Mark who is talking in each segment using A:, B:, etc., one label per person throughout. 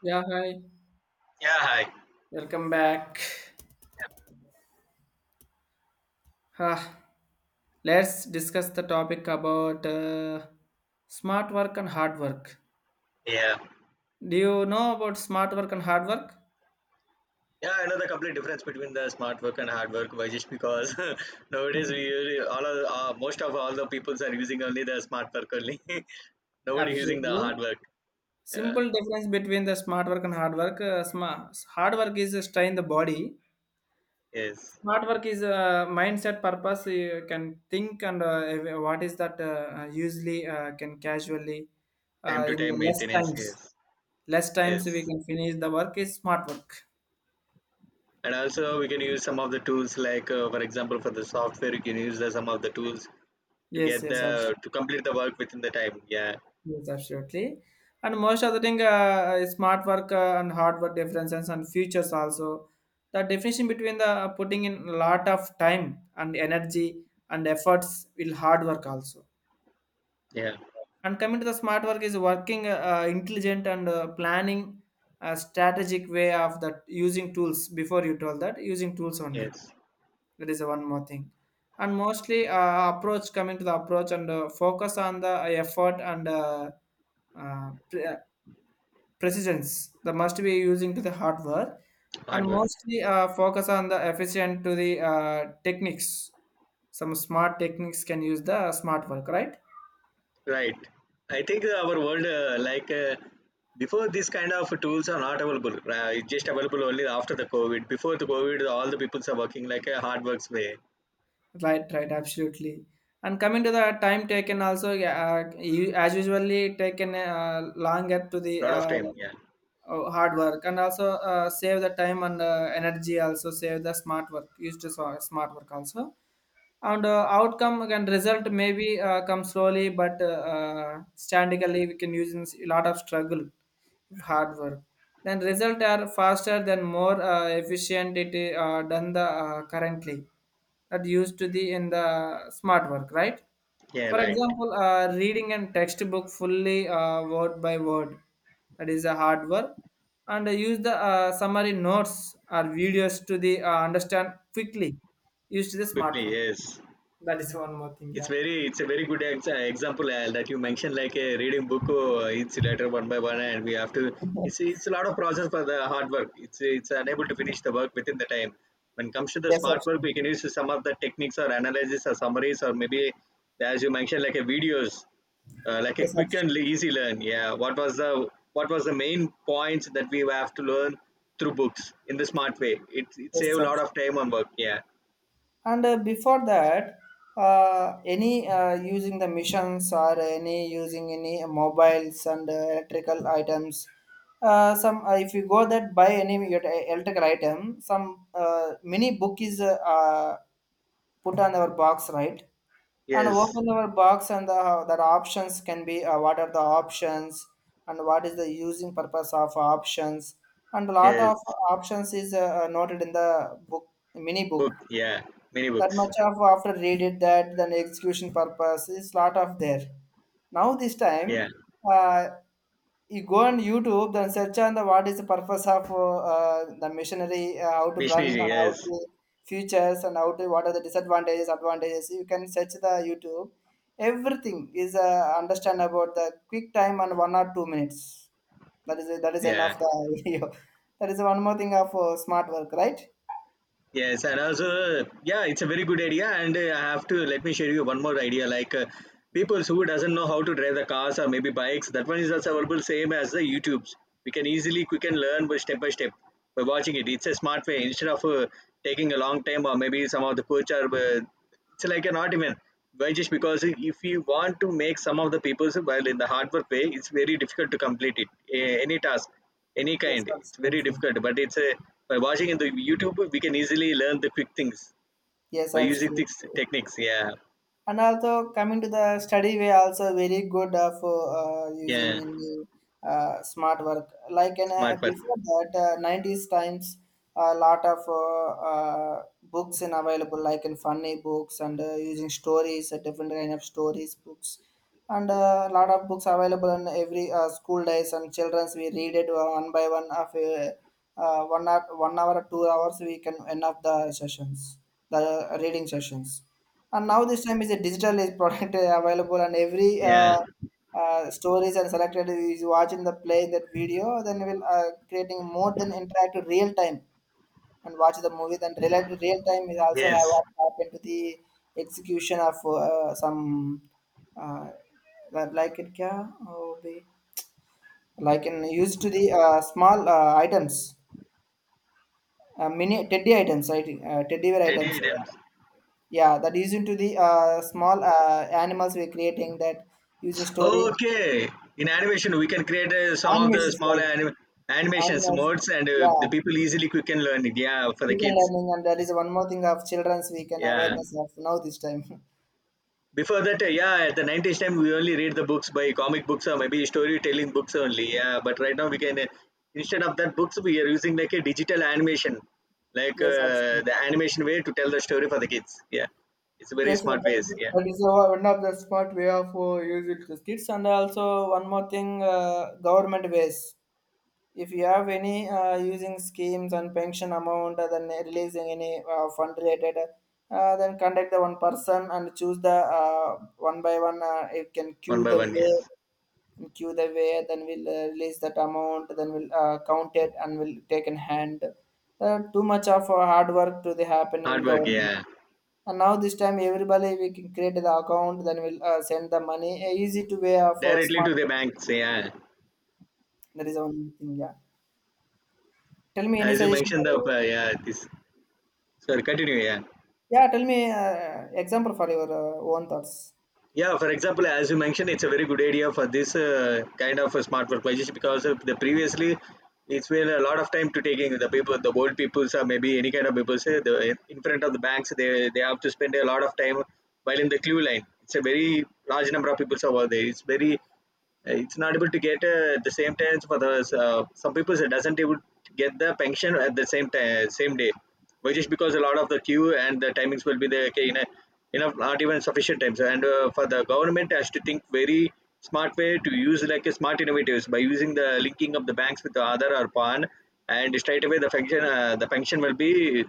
A: Yeah, hi.
B: Yeah, hi.
A: Welcome back. Ah, let's discuss the topic about smart work and hard work.
B: Yeah.
A: Do you know about smart work and hard work?
B: Yeah, I know the complete difference between the smart work and hard work, why just because nowadays
A: Mhm.
B: we really, most of all the peoples are using only the smart work only. Nobody using the
A: Absolutely.
B: hard work. Yeah.
A: Simple difference between the smart work and hard work. Hard work is strain the body.
B: Yes.
A: Smart work is mindset purpose. You can think and what is that usually can casually
B: Time to
A: in
B: time
A: the less
B: maintenance.
A: times.
B: Yes.
A: Less
B: Yes.
A: times we can finish the work is smart work.
B: And also we can use some of the tools like, for example, for the software, you can use some of the tools to
A: Yes,
B: get
A: yes, abs-
B: the to complete the work within the time. Yeah.
A: yes, absolutely. And most of the thing, is smart work and hard work differences and futures also. The definition between the putting in a lot of time and energy and efforts will hard work also.
B: Yeah.
A: And coming to the smart work is working intelligent and planning a strategic way of that using tools. Before you told that using tools only,
B: Yes.
A: that is one more thing. And mostly approach, coming to the approach and focus on the effort and uh, pre- uh, precision that must be using to the hard work, and
B: Hard work.
A: mostly focus on the efficient to the techniques. Some smart techniques can use the smart work, right?
B: Right. I think our world, like before, these kind of tools are not available. It's just available only after the COVID. Before the COVID, all the peoples are working like a hard works way.
A: Right, right, absolutely. And coming to the time taken also, yeah, as usually taken longer to the
B: Lot of time. Yeah.
A: oh, hard work, and also save the time and energy also save the smart work, use the so, smart work also. And outcome and result maybe come slowly, but statically we can use in a lot of struggle, hard work. Then result are faster than more efficient, it done the currently, that used to the in the smart work, right?
B: Yeah.
A: For
B: Right.
A: example, reading a textbook fully word by word, that is a hard work. And use the summary notes or videos to the understand quickly. Use to the smart
B: Quickly.
A: work.
B: Yes.
A: That is one more thing,
B: It's
A: yeah.
B: very, it's a very good example that you mentioned, like a reading book. It's letter one by one, and we have to. It's it's a lot of process for the hard work. It's unable to finish the work within the time. When it comes to the
A: Yes,
B: smart work, we can
A: absolutely.
B: use some of the techniques or analysis or summaries or maybe, as you mentioned, like a videos, like a
A: Yes,
B: quick and
A: absolutely.
B: easy learn. Yeah, what was the main points that we have to learn through books in the smart way? It save
A: Yes,
B: a lot of
A: absolutely.
B: time on work. Yeah.
A: And before that, any using the missions or any using any mobiles and electrical items. Some If you go that buy any electrical item, some mini book is put on our box, right? And
B: Yes.
A: open our box, and the that options can be, what are the options and what is the using purpose of options, and a lot of
B: Yes.
A: options is noted in the book, mini book.
B: Book, yeah, many
A: That
B: books.
A: much of after read it, that then execution purpose is lot of there. Now this time,
B: Yeah,
A: uh, you go on YouTube then search on the what is the purpose of the missionary, how to run
B: missionary,
A: and how
B: yes,
A: to futures, and how to what are the disadvantages advantages, you can search the YouTube. Everything is understand about the quick time, and 1 or 2 minutes, that is
B: yeah.
A: enough the video. That is one more thing of smart work, right?
B: Yes, and also, yeah, it's a very good idea. And I have to let me share you one more idea. Like people who doesn't know how to drive the cars or maybe bikes, that one is also available same as the YouTube's. We can easily, quick and learn by step by step by watching it. It's a smart way instead of taking a long time or maybe some of the coach are. It's like an art even. Why just because if you want to make some of the people while in the hard work way, it's very difficult to complete it. Any task any
A: Yes,
B: kind. It's very
A: absolutely.
B: difficult, but it's a by watching in the YouTube we can easily learn the quick things
A: Yes,
B: by using
A: absolutely.
B: these techniques. Yeah,
A: And also coming to the study way, also very good for using
B: yeah,
A: in the smart work. Like in,
B: smart work.
A: before that, 90s times, a lot of books and available, like in funny books and using stories, different kind of stories books, and a lot of books available in every school days, and childrens we read it one by one of 1 hour or 2 hours we can end up the sessions, the reading sessions. And now this time is a digital is product available, and every
B: Yeah,
A: stories and selected is watching the play that video, then we'll creating more than interactive real time, and watch the movie. Then real time is also have
B: yes,
A: what happened to the execution of some uh, that like it can be like in used to the small items, mini teddy items, right? Teddy bear
B: Teddy
A: items.
B: Adams.
A: Yeah, that is into the small animals we're creating that using story
B: Okay, in animation we can create some of the
A: animations
B: small
A: like
B: animations
A: animals.
B: modes, and the
A: Yeah,
B: people easily quick and learning. Yeah, for
A: we
B: the
A: can
B: kids.
A: learning, and that is one more thing of children's we can
B: Yeah.
A: awareness of now this time.
B: Before that, yeah, at the 90s time, we only read the books by comic books or maybe storytelling books only. Yeah, but right now we can, instead of that books, we are using like a digital animation, like
A: Yes, absolutely.
B: the animation way to tell the story for the kids. Yeah, it's very
A: Yes, sir,
B: smart
A: that
B: ways.
A: is
B: Yeah,
A: that is, uh, one of the smart way of use it the kids. And also one more thing, government ways. If you have any using schemes and pension amount, then releasing any fund related, then contact the one person and choose the one by one. You can
B: one
A: queue
B: by
A: the
B: one. Yeah,
A: way, and queue the way. Then we'll release that amount. Then we'll count it and we'll take in hand. Too much of hard work to the happen in
B: hard work.
A: government.
B: Yeah,
A: And now this time everybody we can create the account, then we'll send the money. A easy to way of
B: directly
A: smart.
B: to the banks. Yeah,
A: That is one thing. Yeah. Tell me any
B: as you
A: suggestion.
B: mentioned, the yeah, this. Sorry, continue. Yeah.
A: Yeah. Tell me example for your own thoughts.
B: Yeah, for example, as you mentioned, it's a very good idea for this kind of a smart workplace because of the previously it's been a lot of time to taking the people, the old peoples or maybe any kind of people say the in front of the banks, they have to spend a lot of time while in the queue line. It's a very large number of people over there. It's very, it's not able to get the same times for the, some people it doesn't able to get the pension at the same time same day but just because a lot of the queue and the timings will be there, okay, in a, enough not even sufficient times, and for the government has to think very smart way to use like a smart innovatives by using the linking of the banks with the other or pan, and straight away the function, the pension will be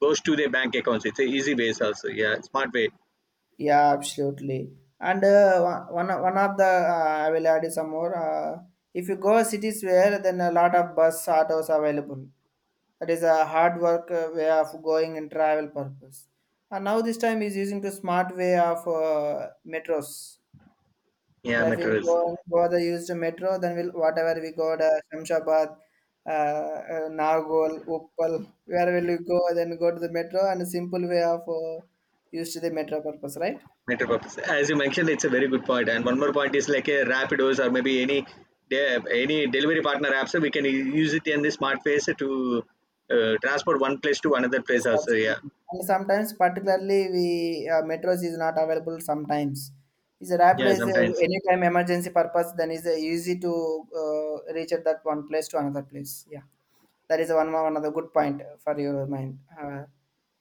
B: goes to their bank accounts. It's a easy ways also, yeah, smart way.
A: Yeah, absolutely. And one of the I will add you some more. If you go cities where, then a lot of bus autos available. That is a hard work way of going in travel purpose. And now this time is using the smart way of metros.
B: Yeah,
A: If we
B: materials.
A: go further use the used metro, then we'll whatever we go to Shamshabad, Nagoal, Uppal, where will you go? Then go to the metro and a simple way of used to the metro purpose, right?
B: Metro purpose. As you mentioned, it's a very good point. And one more point is like a Rapidos or maybe any any delivery partner apps. So we can use it in the smart face to, transport one place to another place
A: Yes,
B: also. Yeah,
A: absolutely. And sometimes, particularly, we metros is not available. Sometimes, is a rapid
B: yeah.
A: is a
B: Sometimes.
A: anytime emergency purpose. Then is a easy to reach at that one place to another place. Yeah, that is one more another good point for your mind.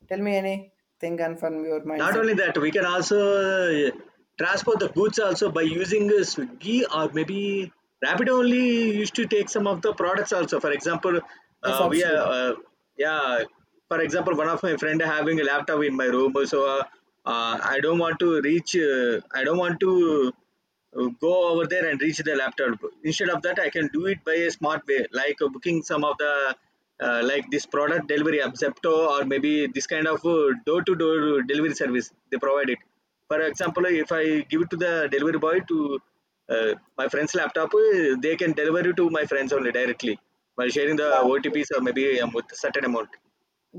A: Tell me anything and from your
B: Not
A: mindset.
B: only that, we can also transport the goods also by using Swiggy or maybe Rapido only used to take some of the products also. For example,
A: Yes,
B: we are
A: absolutely.
B: yeah. For example, one of my friend having a laptop in my room, so I don't want to reach. I don't want to go over there and reach the laptop, instead of that I can do it by a smart way like booking some of the, like this product delivery app Zepto or maybe this kind of door-to-door delivery service they provide it. For example, if I give it to the delivery boy to, uh, my friend's laptop, they can deliver it to my friends only directly while sharing the
A: Yeah.
B: OTPs or maybe, with a certain amount.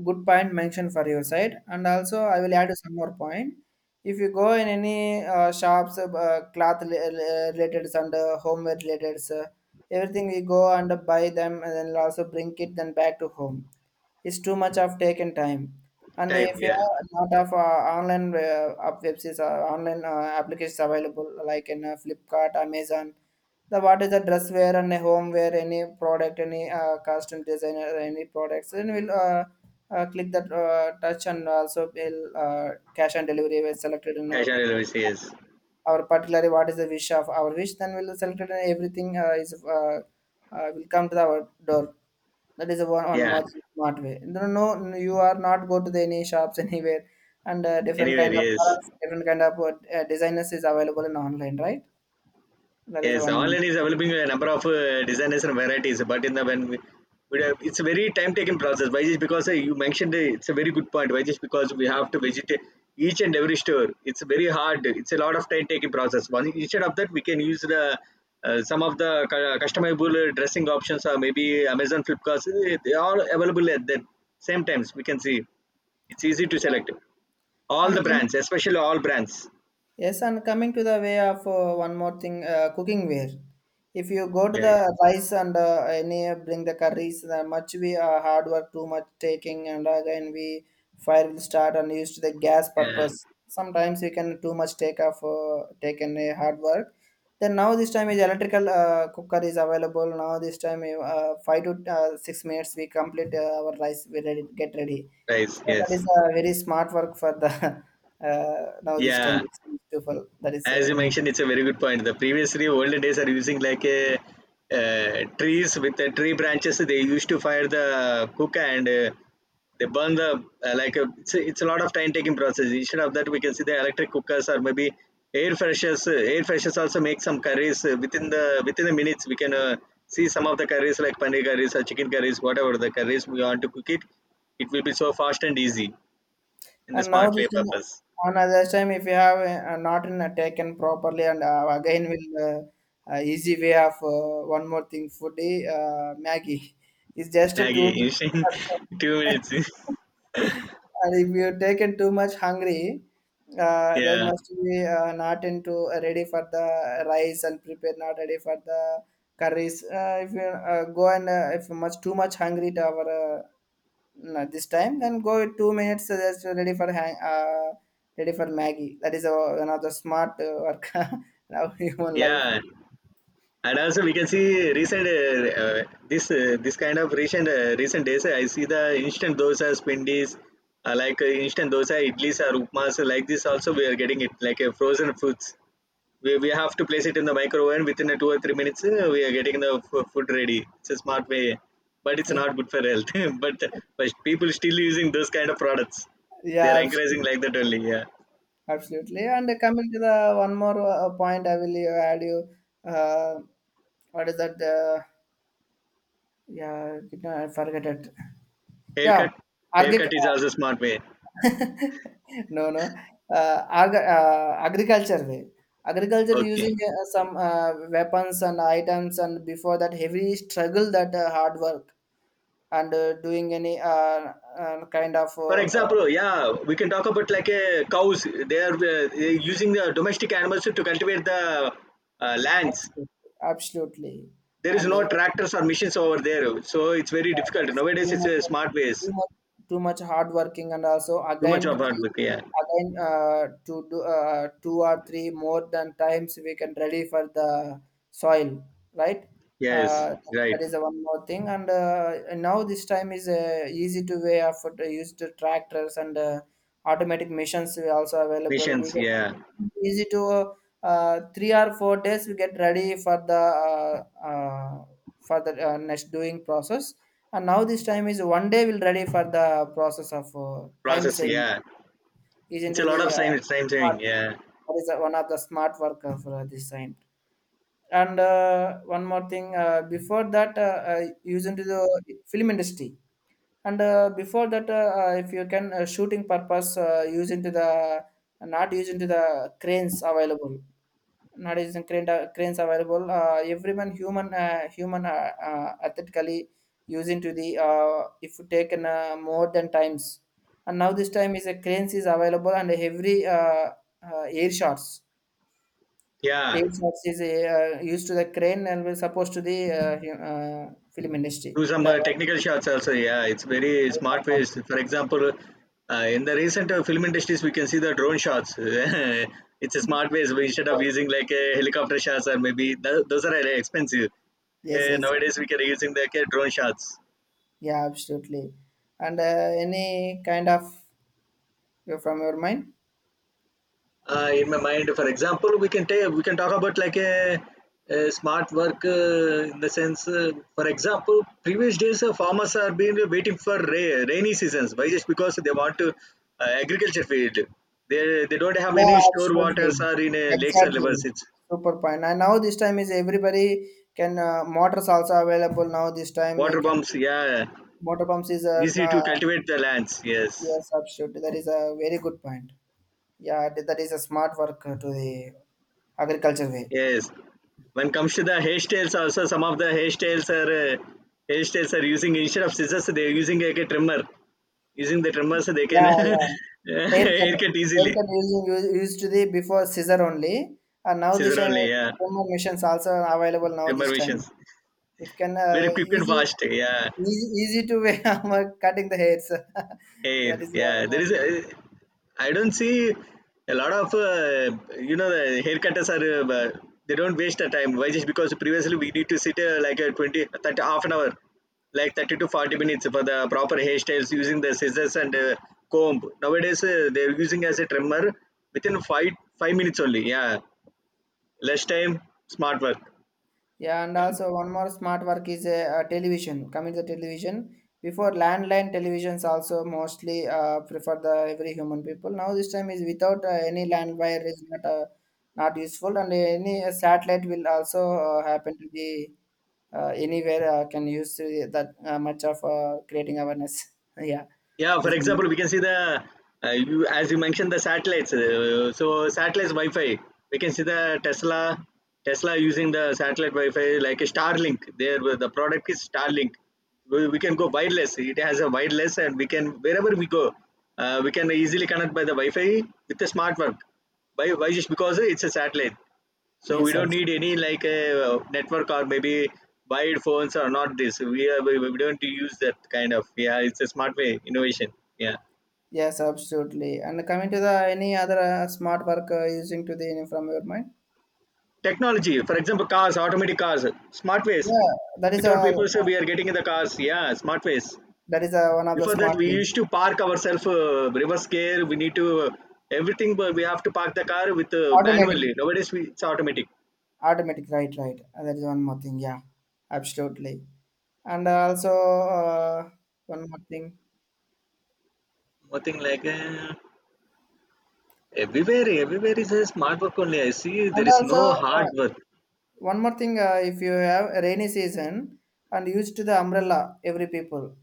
A: Good point mentioned for your side, and also I will add some more point. If you go in any shops cloth related and homeware related, everything we go and buy them and then also bring it then back to home, it's too much of taken time. And
B: Time,
A: if you
B: yeah.
A: are not of online app websites or online applications available, like in Flipkart, Amazon, the what is the dress wear and a home wear, any product, any costume designer, any products, then we'll click that touch, and also we'll cash and delivery is selected in
B: Cash on delivery, yes.
A: our particular what is the wish of our wish, then we'll select it, and everything is will come to our door. That is a one
B: Yeah,
A: more smart way. No, no, no, no, you are not go to the any shops anywhere, and different kind
B: anywhere.
A: of
B: Yes.
A: products, different kind of designers is available in online, right? That is a
B: Yes,
A: one.
B: online is developing a number of designers and varieties, but in the when we have, it's a very time-taking process. Why just because, you mentioned, it's a very good point. Why just because we have to visit each and every store. It's very hard. It's a lot of time-taking process. One, instead of that, we can use the, some of the customizable dressing options or maybe Amazon Flipkart. They are available at the same times. We can see it's easy to
A: Yeah.
B: select all
A: And
B: the
A: coming
B: brands, especially all brands.
A: Yes, and coming to the way of one more thing, cooking ware. If you go to
B: Yeah, yeah.
A: the rice and any bring the curries, the much we hard work, too much taking, and again we fire will start and used to the gas
B: Yeah.
A: purpose. Sometimes you can too much taken a hard work. Then now this time is electrical cooker is available. Now this time five to 6 minutes we complete our rice. We ready, get ready.
B: Price,
A: So that
B: yes.
A: is a very smart work for the. Now this time
B: Yeah.
A: it's to fall. That is
B: As you
A: 7 months.
B: mentioned, it's a very good point. The previously older days are using like a, trees with the tree branches. They used to fire the cook, and they burn the, like a, it's a lot of time taking process. Instead of that, we can see the electric cookers or maybe air freshers. Air freshers also make some curries within the minutes. We can see some of the curries like paneer curries or chicken curries, whatever the curries we want to cook it. It will be so fast and easy in the
A: And now
B: smart
A: this
B: way
A: time,
B: purpose.
A: on other time, if you have not in, taken properly, and again will easy way of one more thing, food is Maggie. It's just a two
B: Maggie,
A: minutes.
B: instant two minutes.
A: And if you taken too much hungry, there
B: Yeah,
A: must be not into ready for the rice, and prepare not ready for the curries. If you go, and if you much too much hungry to our no, this time then go with 2 minutes, just ready for hang ready for Maggie. That is another smart work now human life.
B: yeah, and also we can see recent, this, this kind of recent, recent days. I see the instant dosas, pindis, like instant dosa, idlis, or upmas like this. Also, we are getting it like frozen foods. We have to place it in the microwave within a 2 or 3 minutes. We are getting the food ready. It's a smart way, but it's not good for health. but but people still using those kind of products. They are
A: Yeah, absolutely.
B: encouraging like that only. Yeah,
A: Absolutely. And coming to the one more point, I will add you. Uh, what is that? Yeah, did not- I forget it. Yeah,
B: haircut. Haircut
A: organic.
B: is also smart way.
A: No, no. Ag Agriculture way. Agriculture using
B: Okay.
A: some weapons and items, and before that heavy struggle, that hard work, and doing any kind of
B: For example, yeah, we can talk about like a cows. They're using the domestic animals to cultivate the, lands.
A: absolutely, absolutely.
B: There is
A: And
B: no tractors or machines over there, so it's very
A: that
B: difficult
A: is
B: nowadays.
A: too
B: It's
A: much,
B: a smart ways.
A: too much, too much hard working, and also
B: Too much
A: again
B: of hard
A: three,
B: work. Yeah.
A: again to do two or three more than times we can ready for the soil, right?
B: Yes.
A: Uh,
B: Right.
A: that is the one more thing, and now this time is easy to way of use the tractors and automatic machines are also available. We
B: Machines.
A: get
B: Yeah.
A: easy to. 3 or 4 days we get ready for the next doing process, and now this time is one day we'll ready for the process of time
B: Process.
A: saving
B: Yeah.
A: is
B: It's a
A: into
B: lot
A: the
B: of time. Time
A: smart,
B: saving. Yeah.
A: that is one of the smart work of this time. And one more thing, before that used into the film industry. And before that, if you can shooting purpose use into the, not use into the, cranes available nowadays, the cranes available, everyone human human athletically using to the if you take an, more than times. And now this time is a cranes is available, and every air shots,
B: Yeah.
A: air shots is used to the crane and will supposed to the film industry
B: Do some
A: the
B: technical shots also, yeah, it's very smart ways. For example, in the recent film industries, we can see the drone shots. It's a smart ways, instead of using like a helicopter shots or maybe those are really expensive.
A: yes yes
B: Nowadays we can using the, like, drone shots.
A: yeah absolutely. And any kind of from your mind.
B: In my mind, for example, we can talk about like a smart work in the sense, for example, previous days, farmers are been waiting for rainy seasons, why just because they want to, agriculture field, they don't have
A: Yeah,
B: any store waters
A: absolutely.
B: or in, lakes or rivers.
A: Exactly.
B: It's
A: Super point. And now this time is everybody can motors also available now this time you
B: water
A: can
B: pumps, yeah.
A: motor pumps is a
B: Easy to cultivate the lands. Yes.
A: yeah, substitute. That is a very good point. Yeah, that is a smart work to the agriculture way.
B: Yes. When comes to the hairstyles also, some of the hairstyles are using instead of scissors, they are using like a trimmer. Using the tremors, they can
A: Yeah, yeah. Haircut,
B: haircut easily.
A: haircut using used to the before scissor only, and now this
B: Scissor
A: time
B: only, yeah.
A: comb machines also available now
B: Tremor
A: this time.
B: machines.
A: If can
B: Very quick and
A: easy,
B: fast, yeah.
A: easy to way I'm cutting the hairs.
B: Hey,
A: That is one
B: yeah.
A: more thing.
B: I don't see a lot of, the haircutters are, they don't waste the time. Why? Just because previously we need to sit like a 20, 30, half an hour, like 30 to 40 minutes for the proper hairstyles using the scissors and comb. Nowadays, they're using as a trimmer within 5 minutes only, yeah. Less time, smart work.
A: Yeah, and also one more smart work is a, television. Coming to television, before landline televisions also mostly prefer the every human people. Now this time is without any land wire is not not useful, and any satellite will also happen to the anywhere can use that much of creating awareness. Yeah,
B: Yeah,
A: that
B: for
A: is
B: example, we can see the, as you mentioned, the satellites. So satellites Wi-Fi. We can see the Tesla using the satellite Wi-Fi like a Starlink. The product is Starlink. We can go wireless. It has a wireless, and we can wherever we go, we can easily connect by the Wi-Fi with the smart work. Why? Why just because it's a satellite. So we
A: yes, sir.
B: don't need any like a, network or maybe wired phones or not this. We don't use that kind of, yeah. It's a smart way innovation. Yeah,
A: Yes, absolutely. And coming to the any other smart work using to the from your mind?
B: technology. For example, cars, automatic cars, smart ways.
A: Yeah, that is
B: Without
A: a,
B: people, say we are getting in the cars. Yeah, smart ways.
A: that is a, one of the
B: Before that,
A: smart
B: we
A: things.
B: used to park ourselves, reverse gear. We need to, everything, but we have to park the car with, manually.
A: Automatic,
B: Nowadays, it's automatic.
A: automatic, right, right. That is one more thing. Yeah, absolutely. And also one more thing.
B: Nothing like everywhere. Everywhere is a smart work only. I see there
A: And
B: is
A: also
B: no
A: uh,
B: hard work.
A: one more thing. If you have a rainy season and used to the umbrella, every people.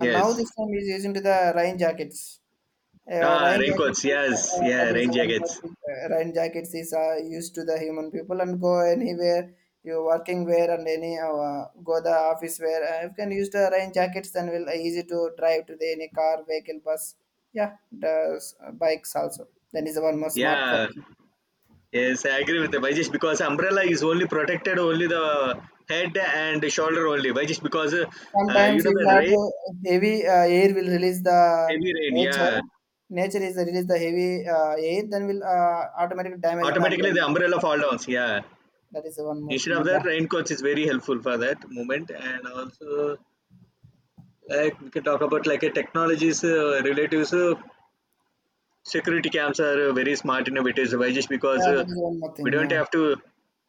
A: And now this time is using to the rain jackets.
B: Ah,
A: Rain jackets,
B: raincoats. Yes, yeah,
A: that is
B: rain
A: one more
B: jackets.
A: thing. Rain jackets is used to the human people and go anywhere you working wear and any go the office wear. You can use the rain jackets, and will easy to drive to the any car, vehicle, bus. Yeah, the bikes also. Then is the one more smart
B: Yeah,
A: person.
B: yes, I agree with the Why just because umbrella is only protected only the head and the shoulder only. Why just because you
A: Sometimes
B: know
A: if you
B: the
A: have
B: rain,
A: to heavy air will release the
B: heavy rain.
A: nature.
B: Yeah,
A: Nature is release the heavy air, then will automatically damage in the
B: automatically the
A: umbrella.
B: umbrella fall downs. Yeah,
A: That is the one more
B: instead of
A: thing.
B: that,
A: Yeah.
B: raincoats is very helpful for that moment. And also, like, we can talk about like a technologies relatives. Security cams are very smart innovators, why just because
A: Yeah, that is one more
B: we
A: thing.
B: don't
A: Yeah,
B: have to,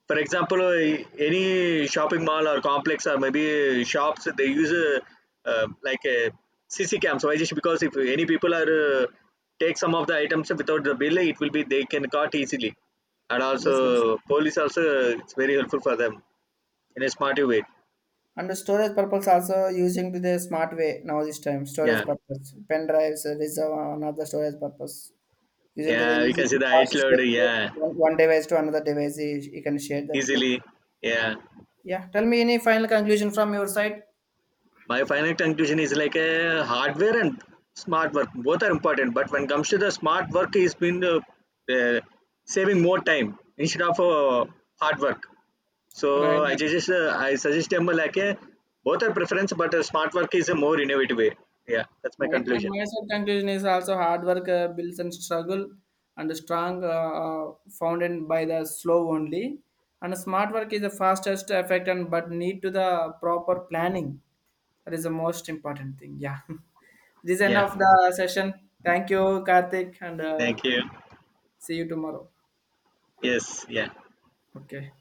B: for example, any shopping mall or complex or maybe shops, they use like a CC cams, why just because if any people are take some of the items without the bill, it will be they can caught easily, and also
A: yes. abs-
B: police also, it's very helpful for them in a smarter way.
A: And the storage purpose also using to the smart way now this time
B: Yeah,
A: storage purpose pen drives reserve another storage purpose using to the
B: yeah, we
A: easy
B: can see
A: to
B: the height
A: process
B: load, yeah,
A: one, one device to another device you, you can share that like.
B: easily. Yeah,
A: Yeah. Tell me any final conclusion from your side.
B: my final conclusion is like a hardware and smart work, both are important, but when it comes to the smart work is been, uh, saving more time instead of, hard work. So
A: Right,
B: i
A: and-
B: suggest uh, i suggest them like a, both are preference, but smart work is a more innovative way. Yeah, that's my
A: right. And
B: conclusion.
A: my side conclusion is also hard work builds and struggle and strong founded by the slow only. And smart work is the fastest effect, and but need to the proper planning. That is the most important thing. Yeah. This is end
B: Yeah,
A: of the session. Thank you, Karthik, and
B: thank you.
A: see you tomorrow.
B: Yes, yeah.
A: Okay.